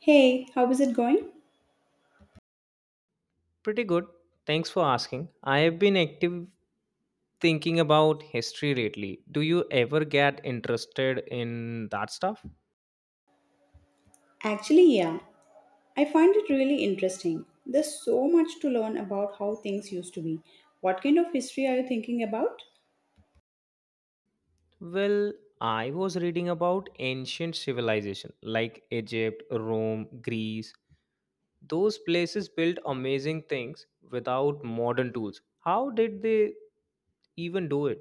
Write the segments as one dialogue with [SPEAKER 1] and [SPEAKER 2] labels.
[SPEAKER 1] Hey, how is it going?
[SPEAKER 2] Pretty good. Thanks for asking. I have been active thinking about history lately. Do you ever get interested in that stuff?
[SPEAKER 1] Actually, yeah, I find it really interesting. There's so much to learn about how things used to be. What kind of history are you thinking about?
[SPEAKER 2] Well, I was reading about ancient civilization like Egypt, Rome, Greece. Those places built amazing things without modern tools. How did they even do it?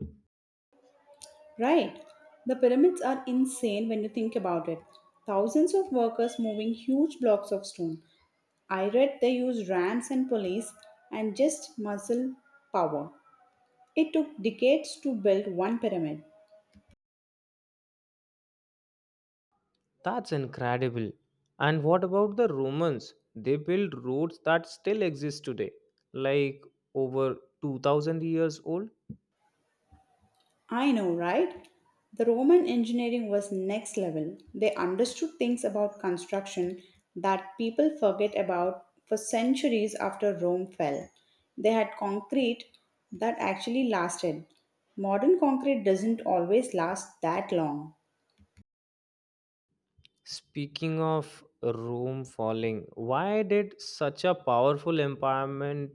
[SPEAKER 1] Right, the pyramids are insane when you think about it. Thousands of workers moving huge blocks of stone. I read they used rams and pulleys and just muscle power. It took decades to build one pyramid.
[SPEAKER 2] That's incredible. And what about the Romans? They built roads that still exist today, like over 2000 years old.
[SPEAKER 1] I know, right? The Roman engineering was next level. They understood things about construction that people forget about for centuries after Rome fell. They had concrete that actually lasted. Modern concrete doesn't always last that long.
[SPEAKER 2] Speaking of Rome falling, why did such a powerful empowerment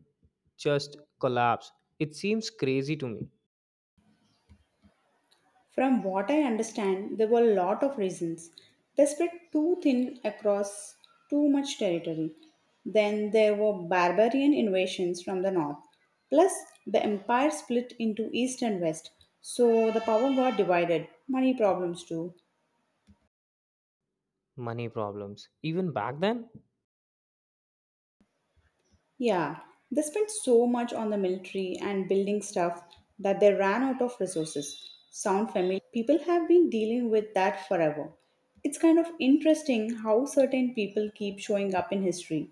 [SPEAKER 2] just collapse? It seems crazy to me.
[SPEAKER 1] From what I understand, there were a lot of reasons. They spread too thin across too much territory. Then there were barbarian invasions from the north. Plus, the empire split into east and west, so the power got divided. Money problems too.
[SPEAKER 2] Money problems. Even back then?
[SPEAKER 1] Yeah, they spent so much on the military and building stuff that they ran out of resources. Sound familiar? People have been dealing with that forever. It's kind of interesting how certain people keep showing up in history.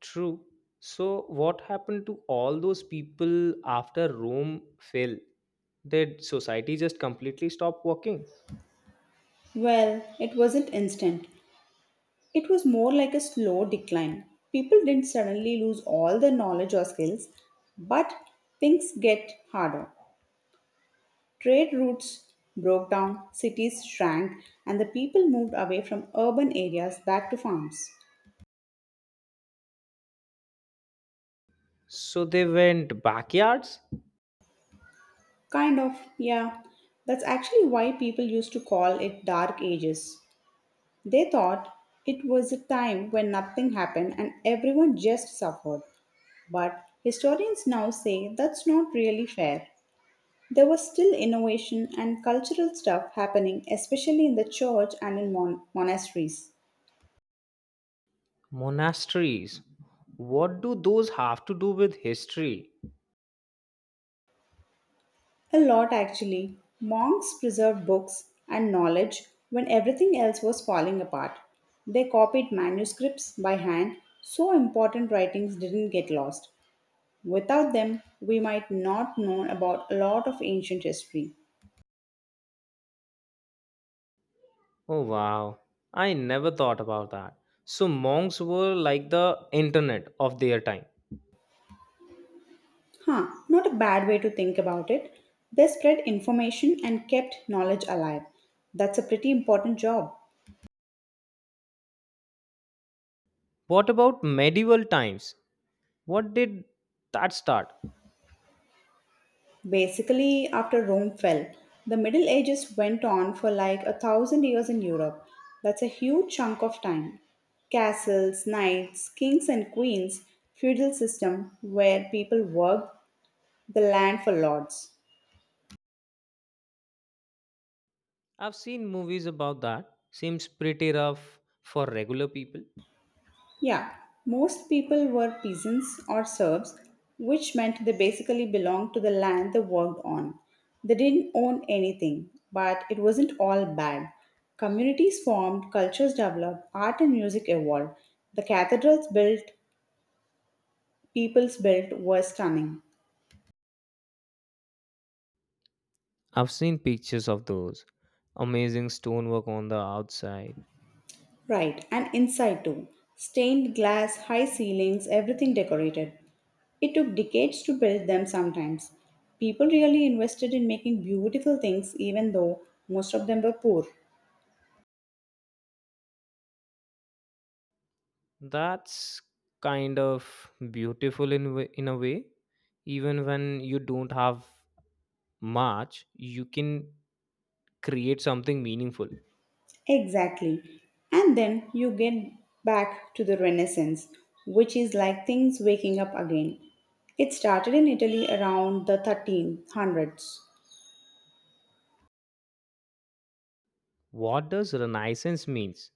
[SPEAKER 2] True. So, what happened to all those people after Rome fell? Did society just completely stop working?
[SPEAKER 1] Well, it wasn't instant. It was more like a slow decline. People didn't suddenly lose all their knowledge or skills, but things get harder. Trade routes broke down, cities shrank, and the people moved away from urban areas back to farms.
[SPEAKER 2] So they went backyards,
[SPEAKER 1] Kind of, yeah. That's actually why people used to call it Dark Ages. They thought it was a time when nothing happened and everyone just suffered. But historians now say that's not really fair. There was still innovation and cultural stuff happening, especially in the church and in monasteries.
[SPEAKER 2] monasteries. What do those have to do with history?
[SPEAKER 1] A lot actually. Monks preserved books and knowledge when everything else was falling apart. They copied manuscripts by hand so important writings didn't get lost. Without them, we might not know about a lot of ancient history.
[SPEAKER 2] Oh wow, I never thought about that. So monks were like the internet of their time.
[SPEAKER 1] Huh, not a bad way to think about it. They spread information and kept knowledge alive. That's a pretty important job.
[SPEAKER 2] What about medieval times? What did that start?
[SPEAKER 1] Basically, after Rome fell, the Middle Ages went on for like a thousand years in Europe. That's a huge chunk of time. Castles, knights, kings and queens, feudal system where people worked the land for lords.
[SPEAKER 2] I've seen movies about that. Seems pretty rough for regular people.
[SPEAKER 1] Yeah, most people were peasants or serfs, which meant they basically belonged to the land they worked on. They didn't own anything, but it wasn't all bad. Communities formed, cultures developed, art and music evolved. The cathedrals built, peoples built were stunning.
[SPEAKER 2] I've seen pictures of those. Amazing stonework on the outside.
[SPEAKER 1] Right, and inside too. Stained glass, high ceilings, everything decorated. It took decades to build them sometimes. People really invested in making beautiful things, even though most of them were poor.
[SPEAKER 2] That's kind of beautiful in a way. Even when you don't have much, you can create something meaningful.
[SPEAKER 1] Exactly. And then you get back to the Renaissance, which is like things waking up again. It started in Italy around the 1300s.
[SPEAKER 2] What does Renaissance means?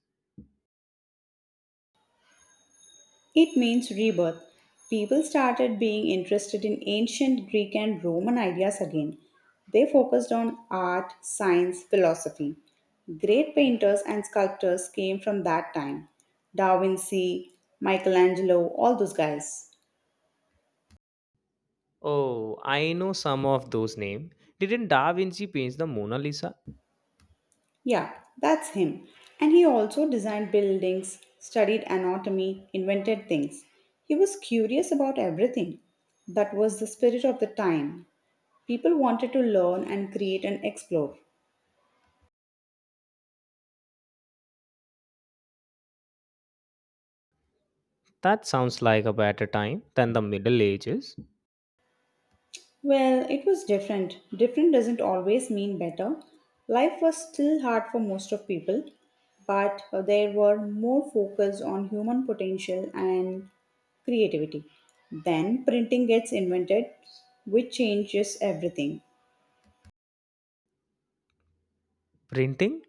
[SPEAKER 1] It means rebirth. People started being interested in ancient Greek and Roman ideas again. They focused on art, science, philosophy. Great painters and sculptors came from that time. Da Vinci, Michelangelo, all those guys.
[SPEAKER 2] Oh, I know some of those names. Didn't Da Vinci paint the Mona Lisa?
[SPEAKER 1] Yeah, that's him. And he also designed buildings, studied anatomy, invented things. He was curious about everything. That was the spirit of the time. People wanted to learn and create and explore.
[SPEAKER 2] That sounds like a better time than the Middle Ages.
[SPEAKER 1] Well, it was different. Different doesn't always mean better. Life was still hard for most of people, but there were more focus on human potential and creativity. Then printing gets invented, which changes everything.
[SPEAKER 2] Printing?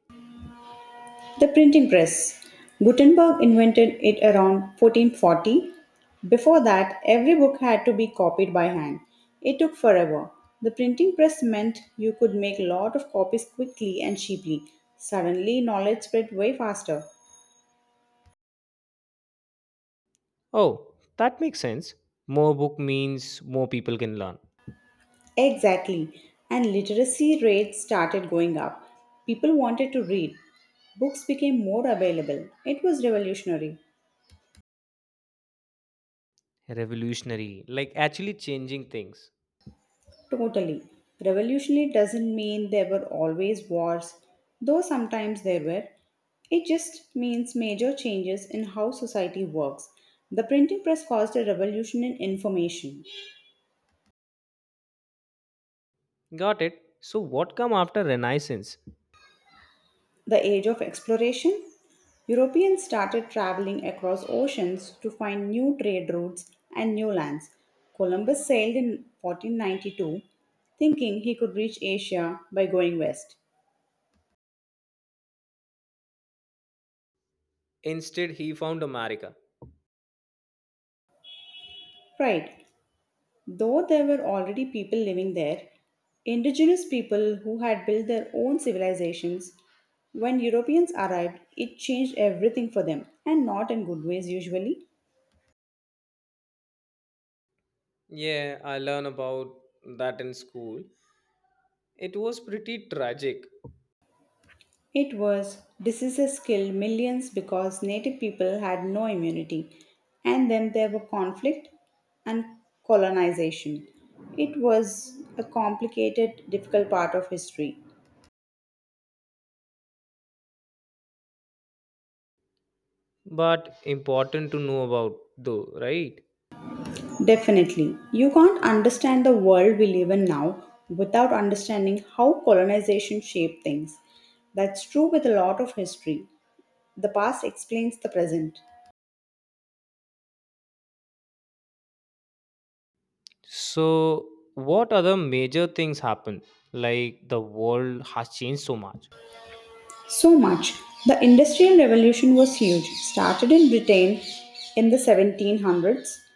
[SPEAKER 1] The printing press. Gutenberg invented it around 1440. Before that, every book had to be copied by hand. It took forever. The printing press meant you could make a lot of copies quickly and cheaply. Suddenly, knowledge spread way faster.
[SPEAKER 2] Oh, that makes sense. More book means more people can learn.
[SPEAKER 1] Exactly. And literacy rates started going up. People wanted to read. Books became more available. It was revolutionary.
[SPEAKER 2] Revolutionary, like actually changing things.
[SPEAKER 1] Totally. Revolutionary doesn't mean there were always wars, though sometimes there were. It just means major changes in how society works. The printing press caused a revolution in information.
[SPEAKER 2] Got it. So what come after Renaissance?
[SPEAKER 1] The age of exploration? Europeans started traveling across oceans to find new trade routes and new lands. Columbus sailed in 1492 thinking he could reach Asia by going west.
[SPEAKER 2] Instead, he found America.
[SPEAKER 1] Right, though there were already people living there, indigenous people who had built their own civilizations. When Europeans arrived, it changed everything for them, and not in good ways usually.
[SPEAKER 2] Yeah, I learn about that in school. It was pretty tragic,
[SPEAKER 1] It was diseases killed millions because native people had no immunity, and then there were conflict and colonization. It was a complicated, difficult part of history.
[SPEAKER 2] but important to know about though, right?
[SPEAKER 1] Definitely. You can't understand the world we live in now without understanding how colonization shaped things. That's true with a lot of history. The past explains the present.
[SPEAKER 2] So what other major things happened? Like the world has changed so much.
[SPEAKER 1] So much. The Industrial Revolution was huge. Started in Britain in the 1700s,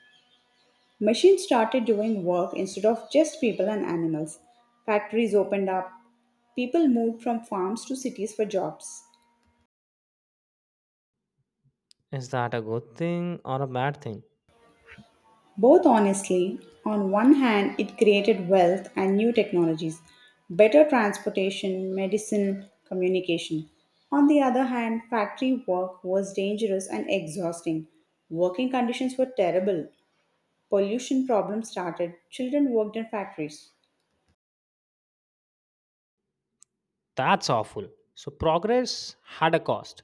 [SPEAKER 1] machines started doing work instead of just people and animals. Factories opened up. People moved from farms to cities for jobs.
[SPEAKER 2] Is that a good thing or a bad thing?
[SPEAKER 1] Both, honestly, on one hand, it created wealth and new technologies, better transportation, medicine, communication. On the other hand, factory work was dangerous and exhausting. Working conditions were terrible. Pollution problems started. Children worked in factories.
[SPEAKER 2] That's awful. So progress had a cost.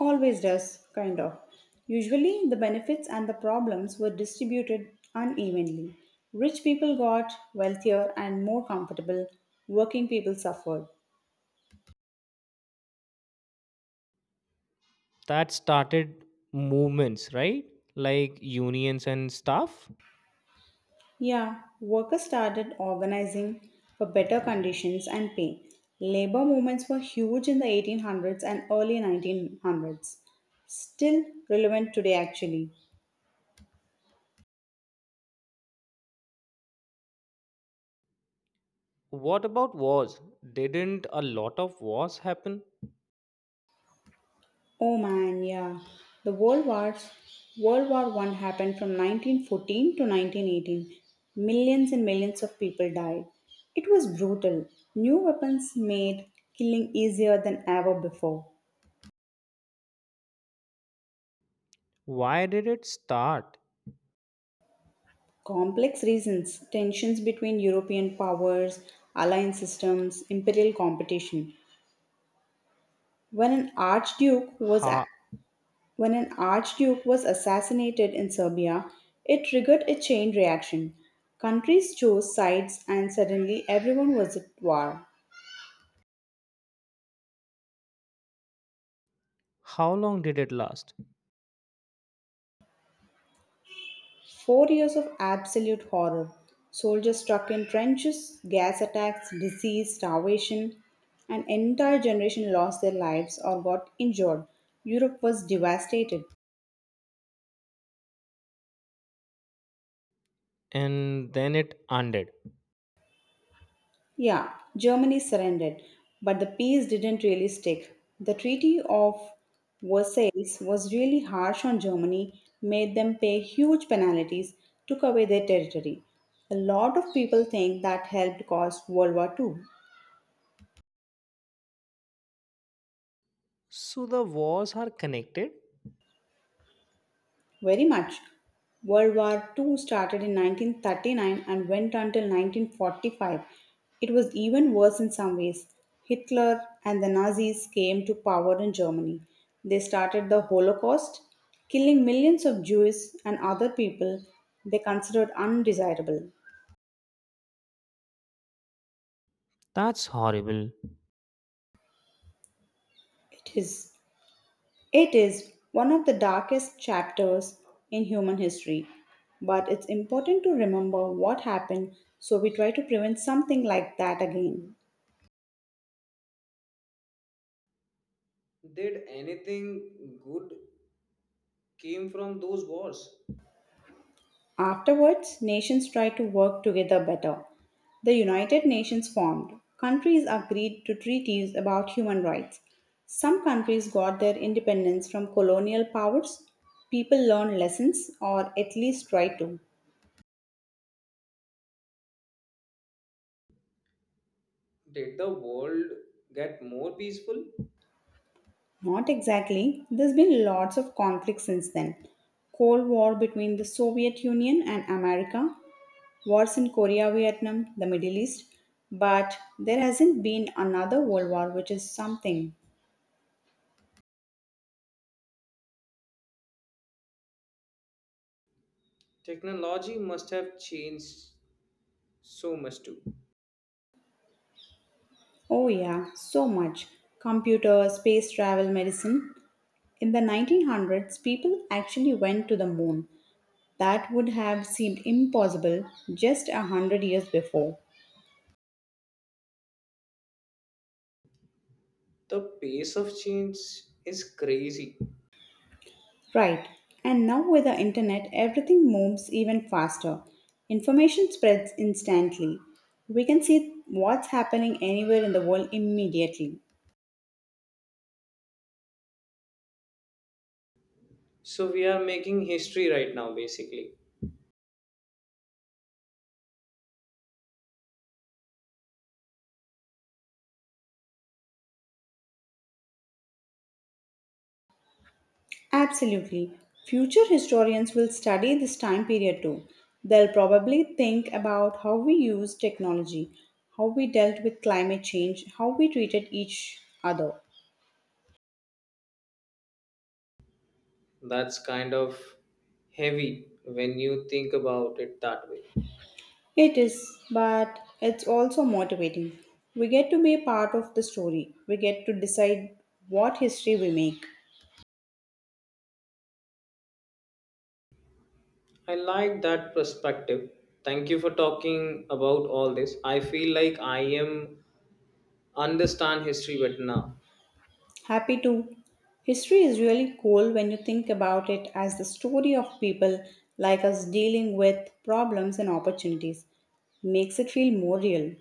[SPEAKER 1] Always does, kind of. Usually, the benefits and the problems were distributed unevenly. Rich people got wealthier and more comfortable, working people suffered.
[SPEAKER 2] That started movements, right? Like unions and stuff.
[SPEAKER 1] Yeah, workers started organizing for better conditions and pay. Labor movements were huge in the 1800s and early 1900s. Still relevant today, actually.
[SPEAKER 2] What about wars? Didn't a lot of wars happen?
[SPEAKER 1] Oh man, yeah. The World Wars, World War One happened from 1914 to 1918. Millions and millions of people died. It was brutal. New weapons made killing easier than ever before.
[SPEAKER 2] Why did it start?
[SPEAKER 1] Complex reasons, tensions between European powers, alliance systems, imperial competition. When an archduke was a-
[SPEAKER 2] How,
[SPEAKER 1] when an archduke was assassinated in Serbia, it triggered a chain reaction. Countries chose sides and suddenly everyone was at war.
[SPEAKER 2] how long did it last?
[SPEAKER 1] 4 years of absolute horror. Soldiers stuck in trenches, gas attacks, disease, starvation. An entire generation lost their lives or got injured. Europe was devastated.
[SPEAKER 2] And then it ended.
[SPEAKER 1] Yeah, Germany surrendered, but the peace didn't really stick. The Treaty of Versailles was really harsh on Germany, made them pay huge penalties, took away their territory. A lot of people think that helped cause World War Two.
[SPEAKER 2] So the wars are connected?
[SPEAKER 1] Very much. World War Two started in 1939 and went until 1945. It was even worse in some ways. Hitler and the Nazis came to power in Germany. They started the Holocaust, killing millions of Jews and other people they considered undesirable.
[SPEAKER 2] That's horrible.
[SPEAKER 1] It is it is one of the darkest chapters in human history. But it's important to remember what happened so we try to prevent something like that again.
[SPEAKER 2] Did anything good came from those wars?
[SPEAKER 1] Afterwards, nations tried to work together better. The United Nations formed. Countries agreed to treaties about human rights. Some countries got their independence from colonial powers. People learned lessons, or at least tried to.
[SPEAKER 2] Did the world get more peaceful?
[SPEAKER 1] Not exactly. There's been lots of conflict since then. Cold War between the Soviet Union and America, wars in Korea, Vietnam, the Middle East. But there hasn't been another world war, which is something.
[SPEAKER 2] Technology must have changed so much too.
[SPEAKER 1] Oh, yeah, so much. Computer, space travel, medicine. In the 1900s, people actually went to the moon. That would have seemed impossible just a hundred years before.
[SPEAKER 2] The pace of change is crazy.
[SPEAKER 1] Right, and now with the internet, everything moves even faster. Information spreads instantly. We can see what's happening anywhere in the world immediately.
[SPEAKER 2] So we are making history right now, basically.
[SPEAKER 1] Absolutely. Future historians will study this time period too. They'll probably think about how we used technology, how we dealt with climate change, how we treated each other.
[SPEAKER 2] That's kind of heavy when you think about it that way.
[SPEAKER 1] It is, but it's also motivating. We get to be a part of the story, we get to decide what history we make.
[SPEAKER 2] I like that perspective. Thank you for talking about all this. I feel like I am understand history better now.
[SPEAKER 1] Happy too. History is really cool when you think about it as the story of people like us dealing with problems and opportunities. Makes it feel more real.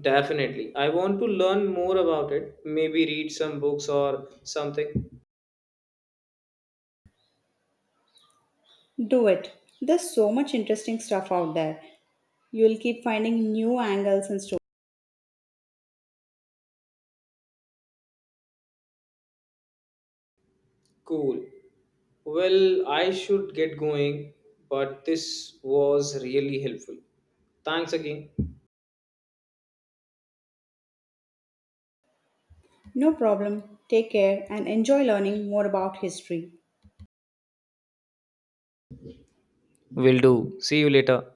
[SPEAKER 2] Definitely. I want to learn more about it. Maybe read some books or something.
[SPEAKER 1] Do it. There's so much interesting stuff out there. You'll keep finding new angles and stories.
[SPEAKER 2] Cool. Well, I should get going, but this was really helpful. Thanks again.
[SPEAKER 1] No problem. Take care and enjoy learning more about history.
[SPEAKER 2] Will do. See you later.